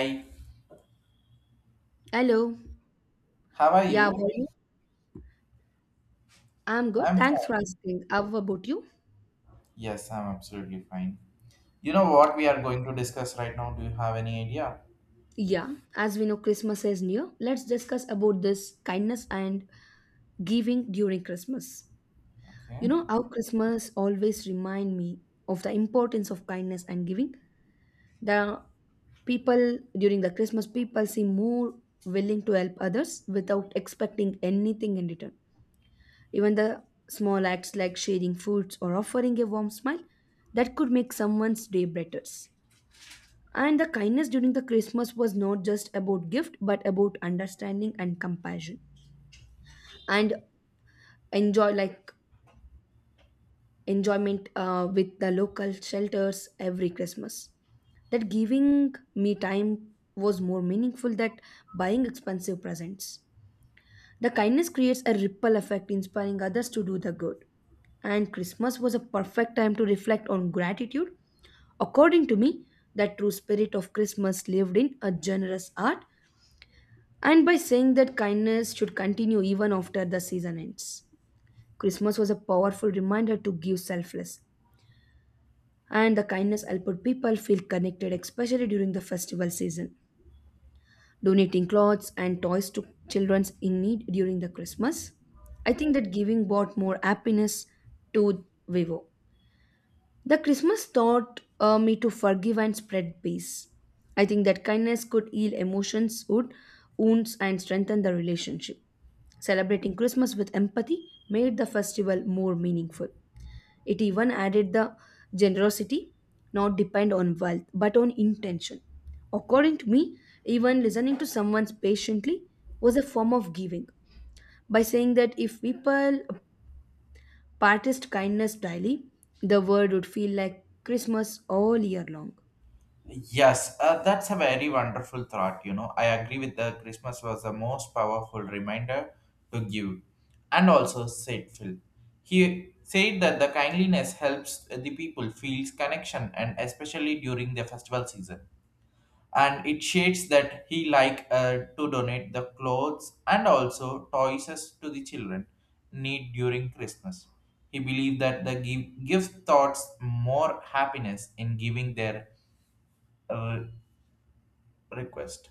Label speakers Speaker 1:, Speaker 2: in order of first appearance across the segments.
Speaker 1: Hi,
Speaker 2: Hello.
Speaker 1: how are
Speaker 2: Yeah, how
Speaker 1: you?
Speaker 2: are you? I'm good.
Speaker 1: I'm
Speaker 2: Thanks for
Speaker 1: fine.
Speaker 2: asking. How about you?
Speaker 1: Yes, I'm absolutely fine. You know what we are going to discuss right now? Do you have any idea?
Speaker 2: Yeah, as we know, Christmas is near. Let's discuss about this kindness and giving during Christmas. You
Speaker 1: Okay.
Speaker 2: know how Christmas always remind me of the importance of kindness and giving. The people during the Christmas, people seem more willing to help others without expecting anything in return. Even the small acts like sharing foods or offering a warm smile that could make someone's day better. And the kindness during the Christmas was not just about gift, but about understanding and compassion, and enjoy like enjoyment with the local shelters every Christmas. That giving me time was more meaningful than buying expensive presents. The kindness creates a ripple effect, inspiring others to do the good and Christmas was a perfect time to reflect on gratitude. According to me, that true spirit of Christmas lived in a generous art and by saying that kindness should continue even after the season ends. Christmas was a powerful reminder to give selfless, and the kindness helped people feel connected, especially during the festival season. Donating clothes and toys to children in need during the Christmas, I think that giving brought more happiness to Vivo. The Christmas taught me to forgive and spread peace. I think that kindness could heal emotions, would wounds, and strengthen the relationship. Celebrating Christmas with empathy made the festival more meaningful. It even added the generosity, not depend on wealth, but on intention. According to me, even listening to someone patiently was a form of giving. By saying that if people practiced kindness daily, the world would feel like Christmas all year long.
Speaker 1: Yes, that's a very wonderful thought. I agree with the Christmas was the most powerful reminder to give. And also said Phil. He said that the kindliness helps the people feels connection and especially during the festival season. And it shades that he like to donate the clothes and also toys to the children need during Christmas. He believed that the give thoughts more happiness in giving their uh, request.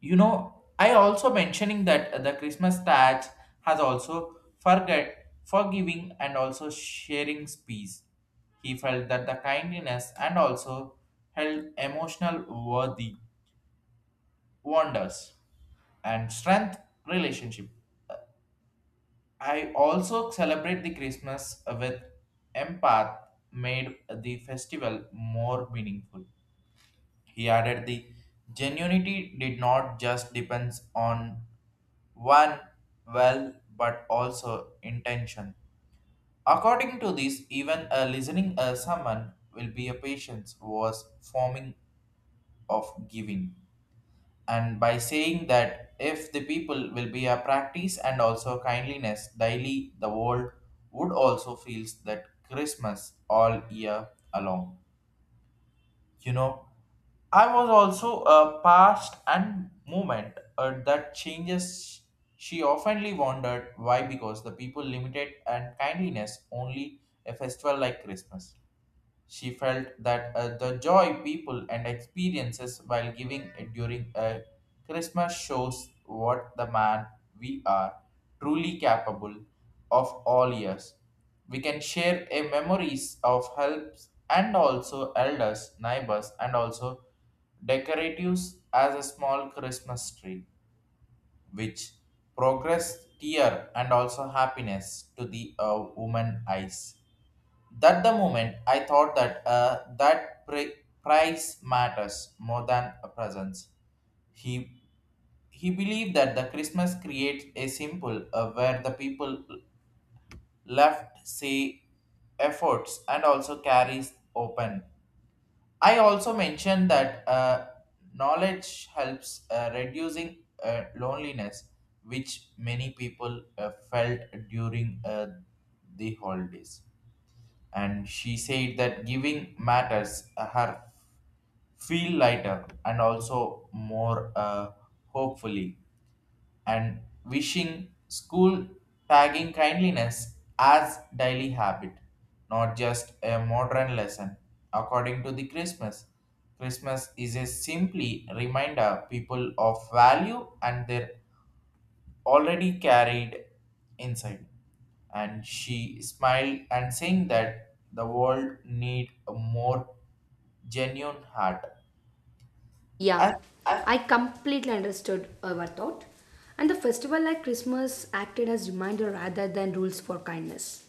Speaker 1: I also mentioning that the Christmas tax has also forget forgiving and also sharing peace. He felt that the kindness and also held emotional worthy wonders and strength relationship. I also celebrate the Christmas with empath made the festival more meaningful. He added the genuinity did not just depends on one well but also intention. According to this, even a listening a sermon will be a patience was forming of giving. And by saying that if the people will be a practice and also kindliness daily, the world would also feels that Christmas all year along. you know I was also a past and moment that changes. She oftenly wondered why because the people limited and kindliness only a festival like Christmas. She felt that the joy people and experiences while giving it during a Christmas shows what the man we are truly capable of all years. We can share a memories of helps and also elders, neighbors, and also decoratives as a small Christmas tree, which progress tear and also happiness to the woman eyes. That the moment I thought that price matters more than a presence. He he believed that the Christmas creates a symbol where the people left say efforts and also carries open. I also mentioned that knowledge helps reducing loneliness, which many people felt during the holidays. And she said that giving matters her feel lighter and also more hopefully. And wishing school tagging kindliness as daily habit, not just a modern lesson. According to the Christmas, Christmas is a simply reminder people of value and their already carried inside. And she smiled and saying that the world need a more genuine heart.
Speaker 2: Yeah,
Speaker 1: And
Speaker 2: I completely understood our thought. And the festival like Christmas acted as reminder rather than rules for kindness.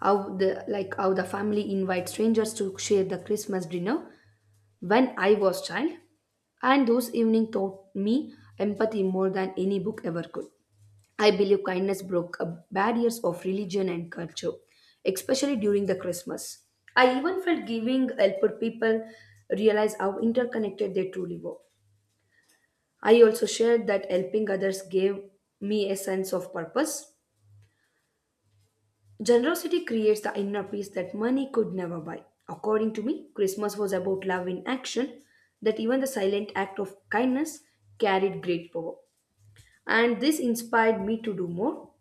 Speaker 2: How the family invites strangers to share the Christmas dinner when I was child, and those evening taught me empathy more than any book ever could. I believe kindness broke up barriers of religion and culture, especially during the Christmas. I even felt giving helped people realize how interconnected they truly were. I also shared that helping others gave me a sense of purpose. Generosity creates the inner peace that money could never buy. According to me, Christmas was about love in action, that even the silent act of kindness carried great power. And this inspired me to do more.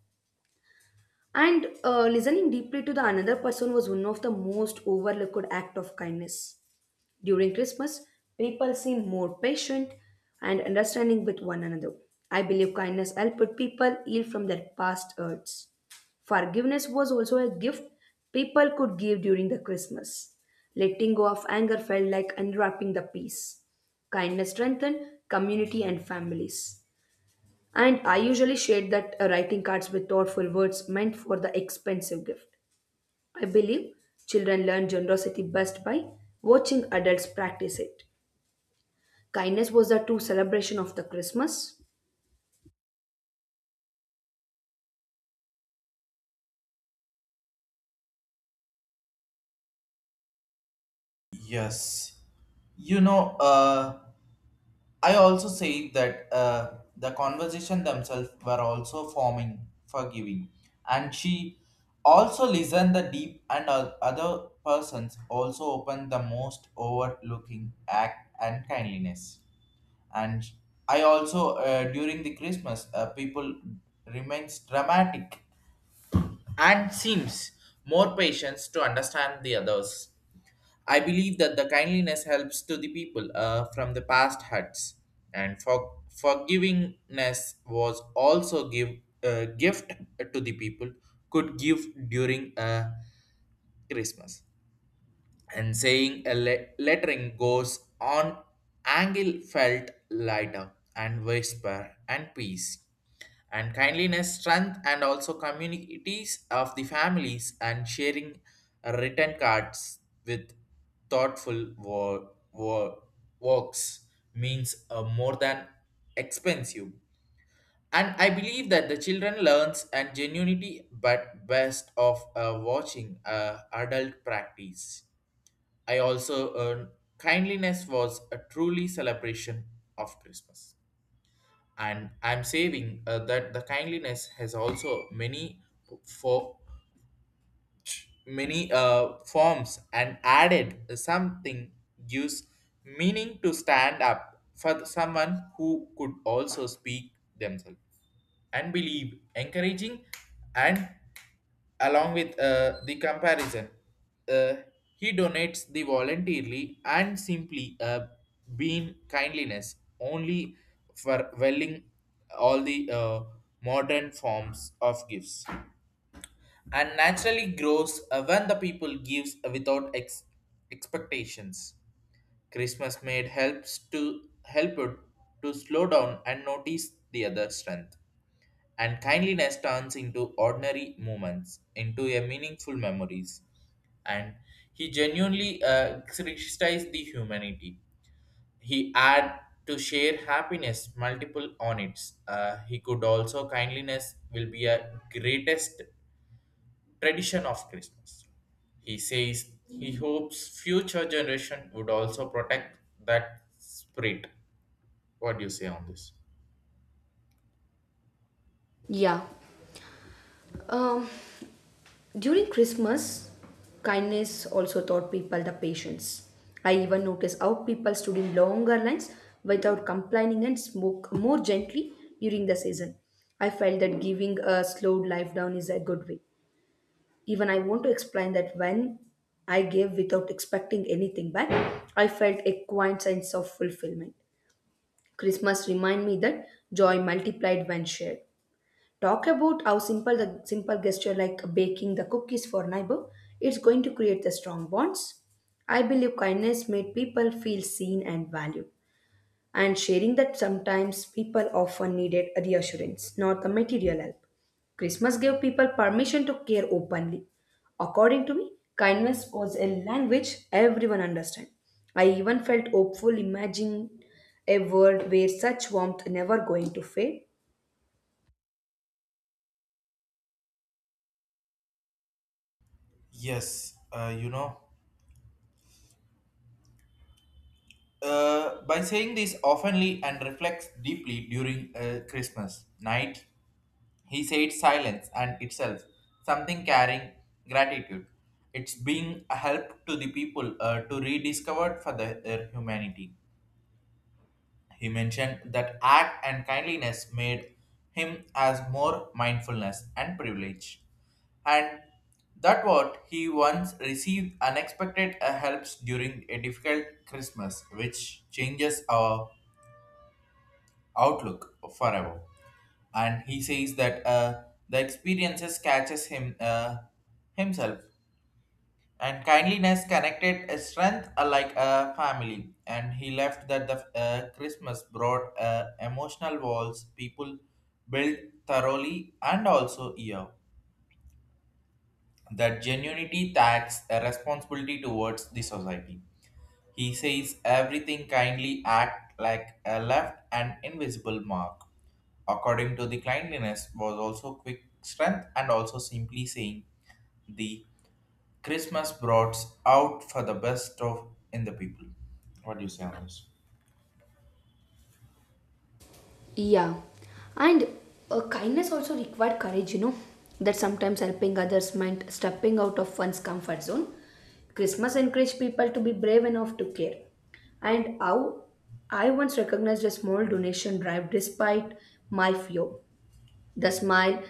Speaker 2: And listening deeply to the another person was one of the most overlooked act of kindness. During Christmas, people seem more patient and understanding with one another. I believe kindness helped people heal from their past hurts. Forgiveness was also a gift people could give during the Christmas. Letting go of anger felt like unwrapping the peace. Kindness strengthened community and families. And I usually shade that writing cards with thoughtful words meant for the expensive gift. I believe children learn generosity best by watching adults practice it. Kindness was the true celebration of the Christmas.
Speaker 1: yes, you know uh I also say that the conversation themselves were also forming forgiving, and she also listened the deep and other persons also opened the most overlooking act and kindliness. And I also during the Christmas people remains dramatic and seems more patience to understand the others. I believe that the kindliness helps to the people from the past hurts, and for forgivingness was also give gift to the people could give during Christmas. And saying a lettering goes on angle felt lighter and whisper and peace. And kindliness strength and also communities of the families and sharing written cards with thoughtful works means more than expensive. And I believe that the children learns and genuinity but best of watching adult practice. I also earned kindliness was a truly celebration of Christmas. And I'm saving that the kindliness has also many for many forms and added something gives meaning to stand up for someone who could also speak themselves. And believe encouraging and along with the comparison uh, he donates the voluntarily and simply being kindliness only for welling all the modern forms of gifts. And naturally grows when the people gives without expectations. Christmas made helps to help it to slow down and notice the other strength. And kindliness turns into ordinary moments into a meaningful memories. And he genuinely criticized the humanity. He had to share happiness multiple on its he could also kindliness will be a greatest tradition of Christmas. He says he hopes future generation would also protect that spirit. What do you say on this?
Speaker 2: Yeah. Um, During Christmas, kindness also taught people the patience. I even noticed how people stood in longer lines without complaining and spoke more gently during the season. I felt that giving a slowed life down is a good way. Even I want to explain that when I gave without expecting anything back, I felt a quiet sense of fulfillment. Christmas remind me that joy multiplied when shared. Talk about how simple gesture like baking the cookies for neighbor, is going to create the strong bonds. I believe kindness made people feel seen and valued and sharing that sometimes people often needed a reassurance, not the material help. Christmas gave people permission to care openly. According to me, kindness was a language everyone understood. I even felt hopeful imagining a world where such warmth never going to fade.
Speaker 1: Yes, by saying this oftenly and reflects deeply during Christmas night, he said silence and itself, something carrying gratitude. It's being a help to the people to rediscover for their humanity. He mentioned that art and kindliness made him as more mindfulness and privilege. And that what he once received unexpected helps during a difficult Christmas, which changes our outlook forever. And he says that the experiences catches him himself. And kindliness connected a strength like a family. And he left that the Christmas brought emotional walls people built thoroughly and also year. That genuinity tax a responsibility towards the society. He says everything kindly act like a left and invisible mark. According to the kindliness was also quick strength and also simply saying the Christmas brought out for the best of in the people. What do you say on this?
Speaker 2: Yeah, and kindness also required courage, that sometimes helping others meant stepping out of one's comfort zone. Christmas encouraged people to be brave enough to care. And how I once recognized a small donation drive despite my fear. The smile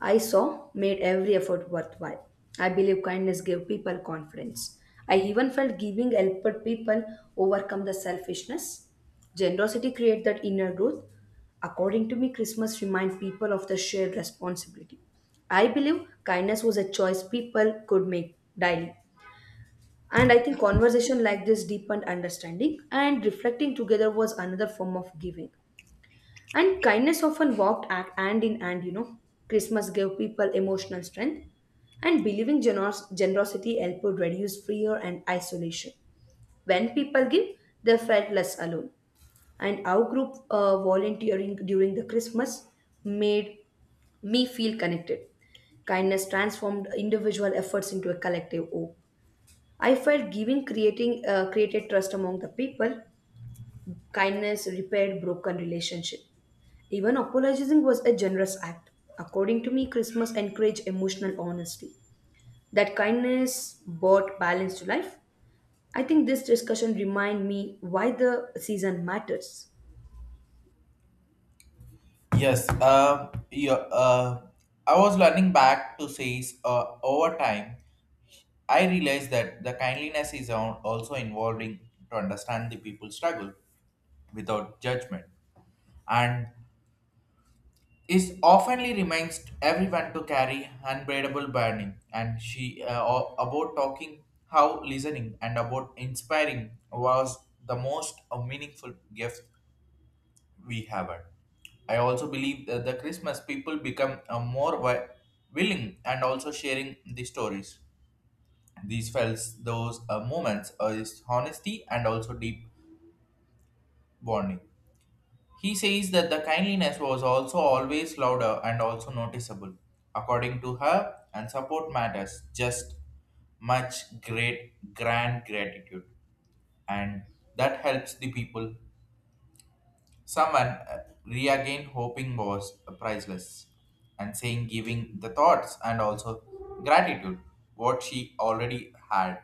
Speaker 2: I saw made every effort worthwhile. I believe kindness gave people confidence. I even felt giving helped people overcome the selfishness. Generosity creates that inner growth. According to me, Christmas reminds people of the shared responsibility. I believe kindness was a choice people could make daily. And I think conversation like this deepened understanding and reflecting together was another form of giving. And kindness often walked act hand in hand. Christmas gave people emotional strength, and believing generosity helped reduce fear and isolation. When people give, they felt less alone. And our group volunteering during the Christmas made me feel connected. Kindness transformed individual efforts into a collective hope. I felt giving creating created trust among the people. Kindness repaired broken relationship. Even apologizing was a generous act. According to me, Christmas encouraged emotional honesty. That kindness brought balance to life. I think this discussion remind me why the season matters.
Speaker 1: Yes, yeah, I was learning back to say over time, I realized that the kindliness is also involving to understand the people's struggle without judgment. And is oftenly reminds everyone to carry unbearable burden. And she about talking how listening and about inspiring was the most meaningful gift we haven't. I also believe that the Christmas people become more willing and also sharing the stories. These felt those moments, is honesty and also deep bonding. He says that the kindliness was also always louder and also noticeable. According to her, and support matters just much great grand gratitude, and that helps the people. Someone regained hoping was priceless. And saying giving the thoughts and also gratitude what she already had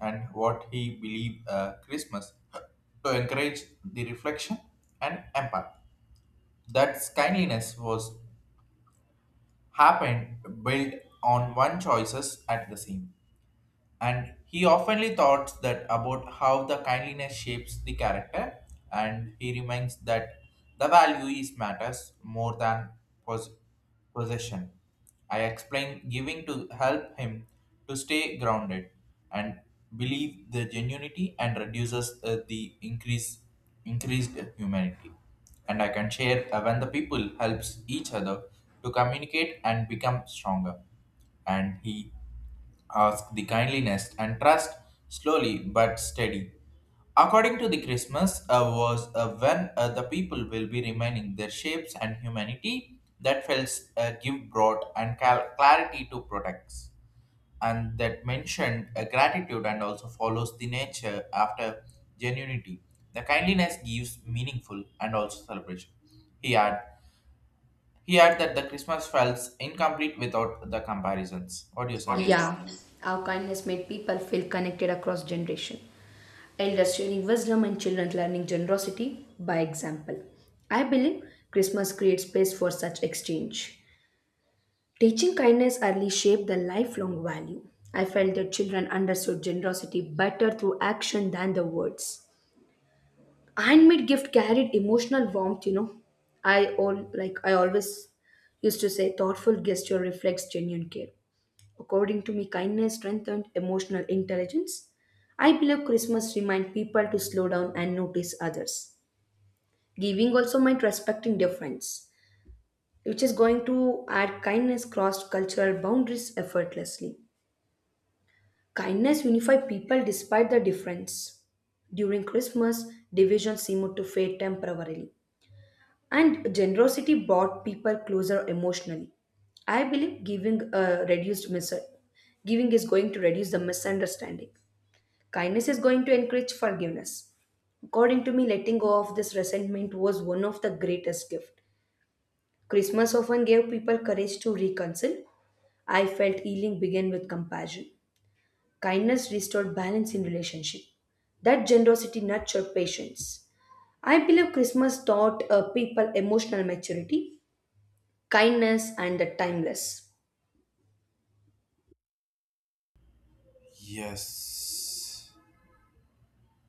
Speaker 1: and what he believed Christmas to encourage the reflection and empathy. That kindliness was happened built on one choices at the same. And he oftenly thought that about how the kindliness shapes the character. And he reminds that the value is matters more than pos- possession. I explained giving to help him to stay grounded. And believe the genuinity and reduces the increased humanity. And I can share when the people helps each other to communicate and become stronger. And he ask the kindliness and trust slowly but steady. According to the Christmas was when the people will be remaining their shapes and humanity that felt give broad and clarity to protects. And that mentioned gratitude and also follows the nature after genuinity. The kindliness gives meaningful and also celebration. He had he had that the Christmas felt incomplete without the comparisons. What do you say on this?
Speaker 2: Yeah, our kindness made people feel connected across generation. Elders sharing wisdom and children learning generosity by example. I believe Christmas creates space for such exchange. Teaching kindness early shaped the lifelong value. I felt that children understood generosity better through action than the words. Handmade gift carried emotional warmth, you know. I all like I always used to say thoughtful gesture reflects genuine care. According to me, kindness strengthened emotional intelligence. I believe Christmas reminds people to slow down and notice others. Giving also meant respecting difference, which is going to add kindness crossed cultural boundaries effortlessly. Kindness unifies people despite the difference. During Christmas, division seemed to fade temporarily, and generosity brought people closer emotionally. I believe giving giving is going to reduce the misunderstanding. Kindness is going to encourage forgiveness. According to me, letting go of this resentment was one of the greatest gift. Christmas often gave people courage to reconcile. I felt healing began with compassion. Kindness restored balance in relationship. That generosity nurtured patience. I believe Christmas taught people emotional maturity, kindness, and the timeless.
Speaker 1: Yes.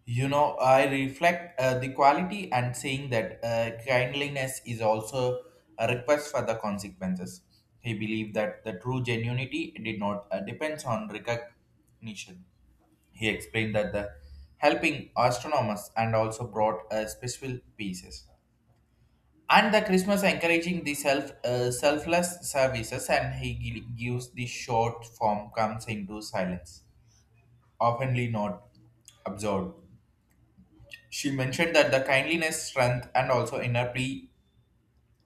Speaker 1: I reflect the quality and saying that kindliness is also a request for the consequences. He believed that the true genuinity did not depends on recognition. He explained that the helping astronomers and also brought special pieces. And the Christmas encouraging the selfless services. And he gives the short form comes into silence oftenly not absorbed. She mentioned that the kindliness, strength, and also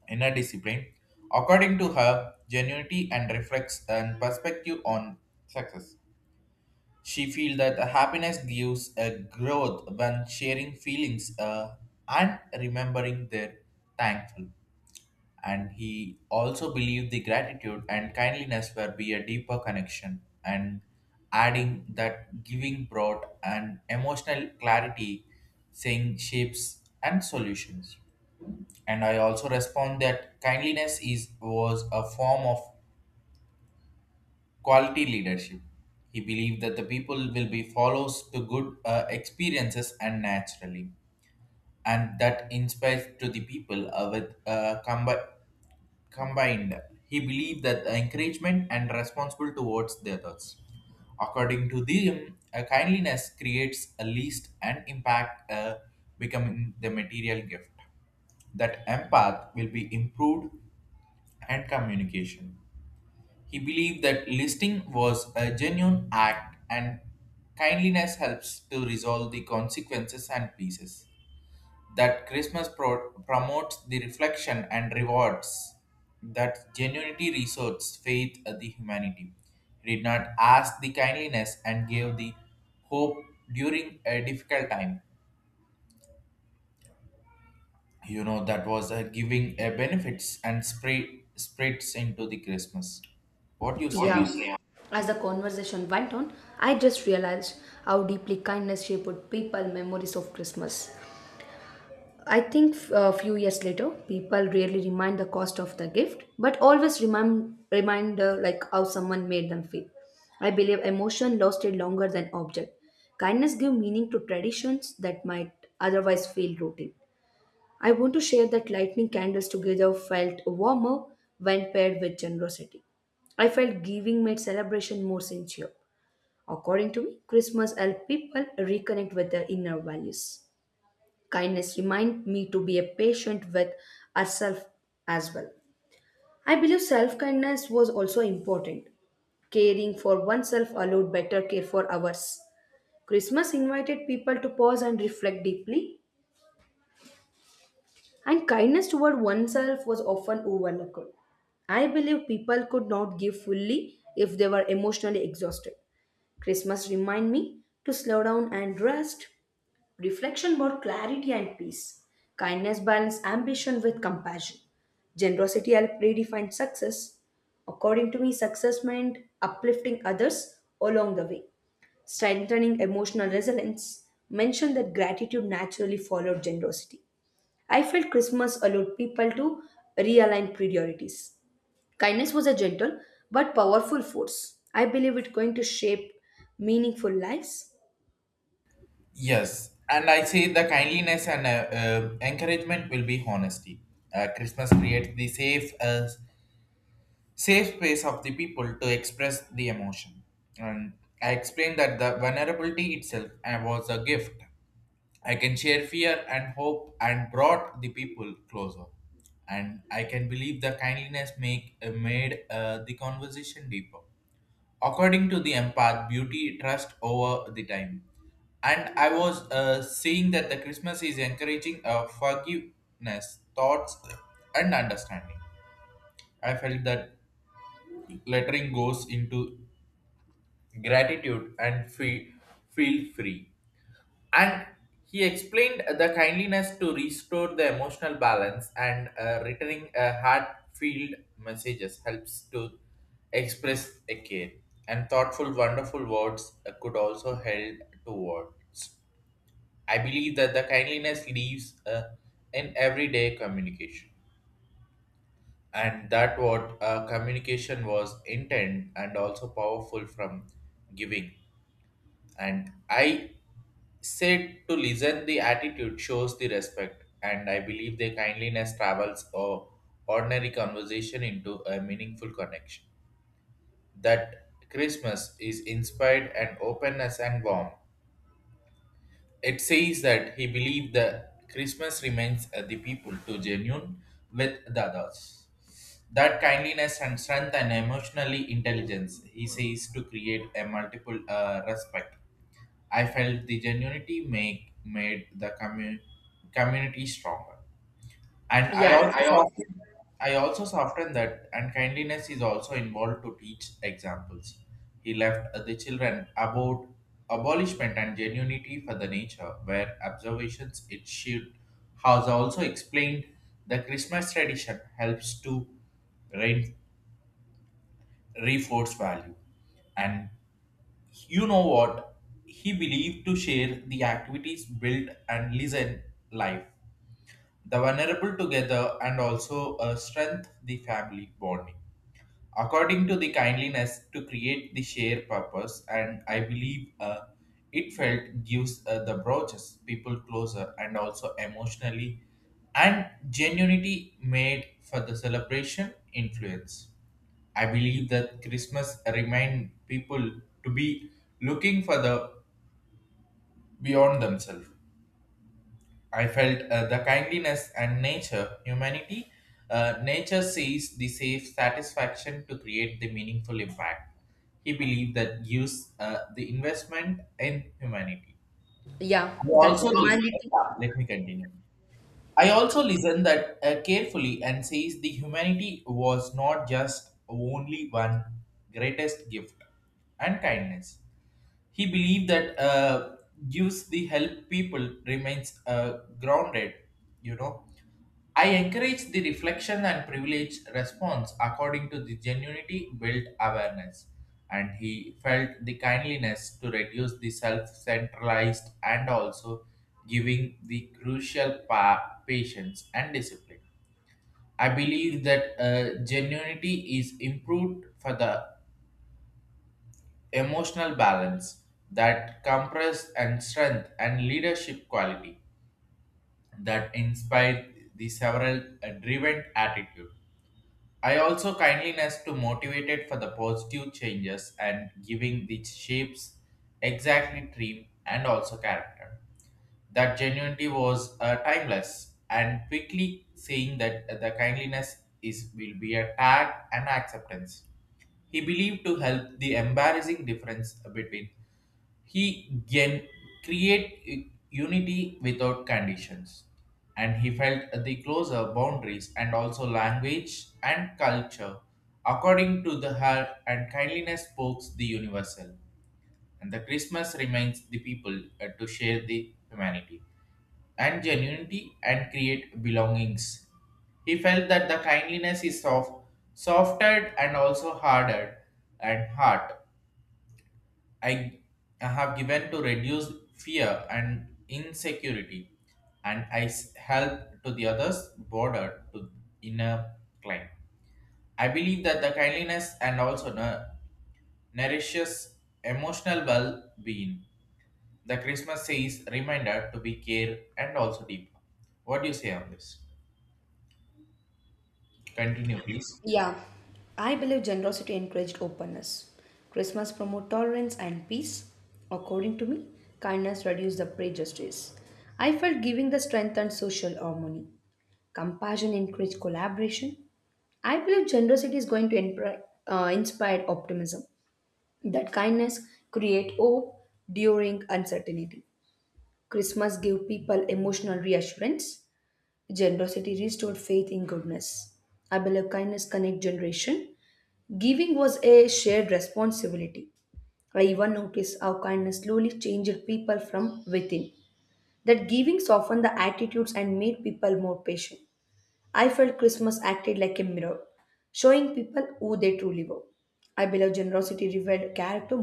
Speaker 1: inner discipline, according to her, genuinity and reflects and perspective on success. She feels that the happiness gives a growth when sharing feelings and remembering their thankful. And he also believed the gratitude and kindliness were be a deeper connection. And adding that giving brought an emotional clarity, saying shapes and solutions. And I also respond that kindliness is was a form of quality leadership. He believed that the people will be follows to good experiences and naturally. And that inspires to the people with combined. He believed that encouragement and responsible towards the others. According to them, a kindliness creates a least and impact becoming the material gift. That empath will be improved and communication. He believed that listing was a genuine act. And kindliness helps to resolve the consequences and pieces. That Christmas promotes the reflection and rewards. That genuinity resorts faith of the humanity. He did not ask the kindliness and gave the hope during a difficult time. You know that was a giving a benefits and spreads into the Christmas. What do you
Speaker 2: Yeah.
Speaker 1: say on?
Speaker 2: Obviously. As the conversation went on, I just realized how deeply kindness shaped people memories of Christmas. I think a few years later, people rarely remind the cost of the gift, but always remind how someone made them feel. I believe emotion lasted longer than object. Kindness give meaning to traditions that might otherwise feel routine. I want to share that lighting candles together felt warmer when paired with generosity. I felt giving made celebration more sincere. According to me, Christmas helped people reconnect with their inner values. Kindness remind me to be a patient with ourselves as well. I believe self kindness was also important. Caring for oneself allowed better care for others. Christmas invited people to pause and reflect deeply, and kindness toward oneself was often overlooked. I believe people could not give fully if they were emotionally exhausted. Christmas remind me to slow down and rest. Reflection brought clarity and peace. Kindness balanced ambition with compassion. Generosity helped redefine success. According to me, success meant uplifting others along the way, strengthening emotional resilience. Mentioned that gratitude naturally followed generosity. I felt Christmas allowed people to realign priorities. Kindness was a gentle but powerful force. I believe it's going to shape meaningful lives.
Speaker 1: Yes, and I say the kindliness and encouragement will be honesty. Christmas creates the safe space of the people to express the emotion. And I explained that the vulnerability itself was a gift. I can share fear and hope and brought the people closer. And I can believe the kindliness make made the conversation deeper. According to the empath, beauty trust over the time. And I was seeing that the Christmas is encouraging forgiveness, thoughts, and understanding. I felt that lettering goes into gratitude and feel free. And he explained the kindliness to restore the emotional balance and returning a heartfelt messages helps to express a care. And thoughtful, wonderful words could also help to words. I believe that the kindliness leaves in everyday communication, and that what communication was intent and also powerful from giving. And I said to listen the attitude shows the respect, and I believe their kindliness travels or ordinary conversation into a meaningful connection that Christmas is inspired and openness and warmth. It says that he believed that Christmas remains the people to genuine with the others. That kindliness and strength and emotionally intelligence, he says, to create a multiple respect. I felt the genuinity make made the community stronger. And
Speaker 2: Yeah,
Speaker 1: I also soften that, and kindliness is also involved to teach examples. He left the children about abolishment and genuinity for the nature, where observations it should has also explained the Christmas tradition helps to re- reinforce value. And you know what? He believed to share the activities, build and listen life the vulnerable together and also strengthen the family bonding according to the kindliness to create the shared purpose. And I believe it felt gives the broaches people closer and also emotionally and genuinity made for the celebration influence. I believe that Christmas remind people to be looking for the beyond themselves. I felt the kindliness and nature, humanity. Nature sees the safe satisfaction to create the meaningful impact. He believed that gives the investment in humanity. I
Speaker 2: that
Speaker 1: also re-
Speaker 2: humanity.
Speaker 1: Let me continue. I also listened that carefully and says the humanity was not just only one greatest gift and kindness. He believed that gives the help people remains grounded. You know, I encourage the reflection and privilege response according to the genuinity built awareness, and he felt the kindliness to reduce the self-centralized and also giving the crucial patience and discipline. I believe that genuinity is improved for the emotional balance that compress and strength and leadership quality that inspire the several driven attitude. I also kindliness to motivated for the positive changes and giving the shapes exactly dream and also character. That genuinity was timeless and quickly saying that the kindliness is will be a tag and acceptance. He believed to help the embarrassing difference between he can create unity without conditions, and he felt the closer boundaries and also language and culture. According to the heart and kindliness spoke the universal, and the Christmas reminds the people to share the humanity and genuinity and create belongings. He felt that the kindliness is soft, softer and also harder and heart. I have given to reduce fear and insecurity, and help to the others border to inner climb. I believe that the kindliness and also nourishes emotional well-being. The Christmas says reminder to be care and also deep. What do you say on this? Continue, please.
Speaker 2: Yeah, I believe generosity encouraged openness. Christmas promote tolerance and peace. According to me, kindness reduced the prejudice. I felt giving the strength and social harmony. Compassion encouraged collaboration. I believe generosity is going to inspire optimism. That kindness create hope during uncertainty. Christmas gave people emotional reassurance. Generosity restored faith in goodness. I believe kindness connect generation. Giving was a shared responsibility. I even noticed how kindness slowly changed people from within. That giving softened the attitudes and made people more patient. I felt Christmas acted like a mirror, showing people who they truly were. I believe generosity revealed character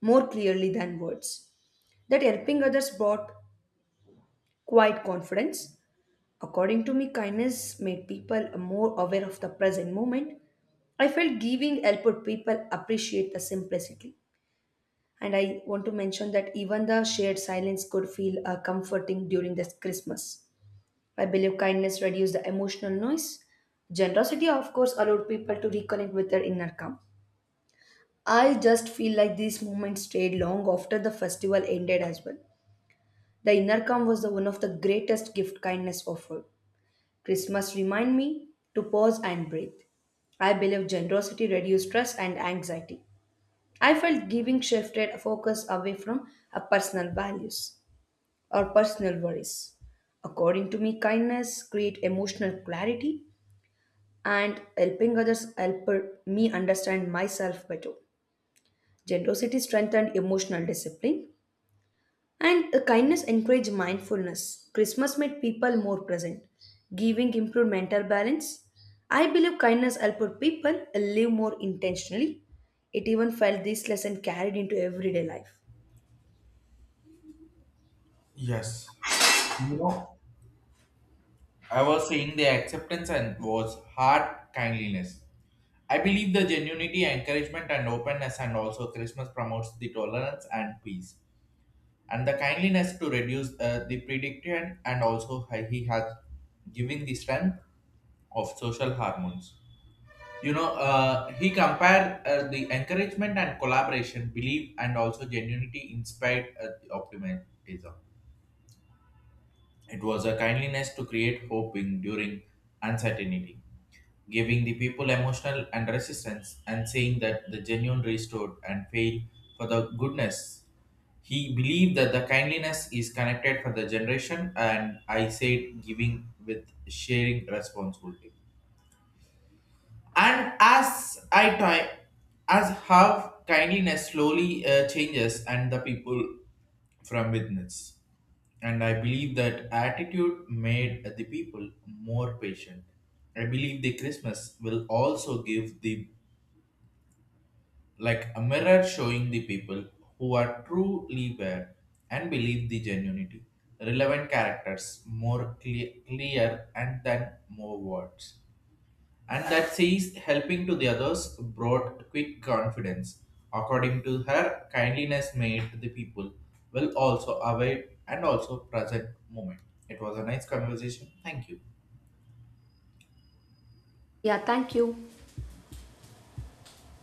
Speaker 2: more clearly than words. That helping others brought quiet confidence. According to me, kindness made people more aware of the present moment. I felt giving helped people appreciate the simplicity. And I want to mention that even the shared silence could feel comforting during this Christmas. I believe kindness reduced the emotional noise. Generosity, of course, allowed people to reconnect with their inner calm. I just feel like these moments stayed long after the festival ended as well. The inner calm was the one of the greatest gift kindness offered. Christmas remind me to pause and breathe. I believe generosity reduced stress and anxiety. I felt giving shifted focus away from our personal values. Or personal worries. According to me, kindness create emotional clarity and helping others help me understand myself better. Generosity strengthened emotional discipline and the kindness encouraged mindfulness. Christmas made people more present, giving improved mental balance. I believe kindness helped people live more intentionally. It even felt this lesson carried into everyday life.
Speaker 1: Yes. You know, I was saying the acceptance and was heart kindliness. I believe the genuinity, encouragement, and openness, and also Christmas promotes the tolerance and peace, and the kindliness to reduce the prediction, and also he has given the strength of social hormones. You know, he compared the encouragement and collaboration, belief, and also genuinity inspired the optimism. It was a kindliness to create hope in during uncertainty giving the people emotional and resistance and saying that the genuine restored and failed for the goodness. He believed that the kindliness is connected for the generation, and I said giving with sharing responsibility and as I try, as how kindliness slowly changes and the people from witness. And I believe that attitude made the people more patient. I believe the Christmas will also give the like a mirror showing the people who are truly aware and believe the genuinity, relevant characters more clear and than more words and that sees helping to the others brought quick confidence. According to her, kindliness made the people will also aware and also present moment. It was a nice conversation. Thank you.
Speaker 2: Yeah, thank you.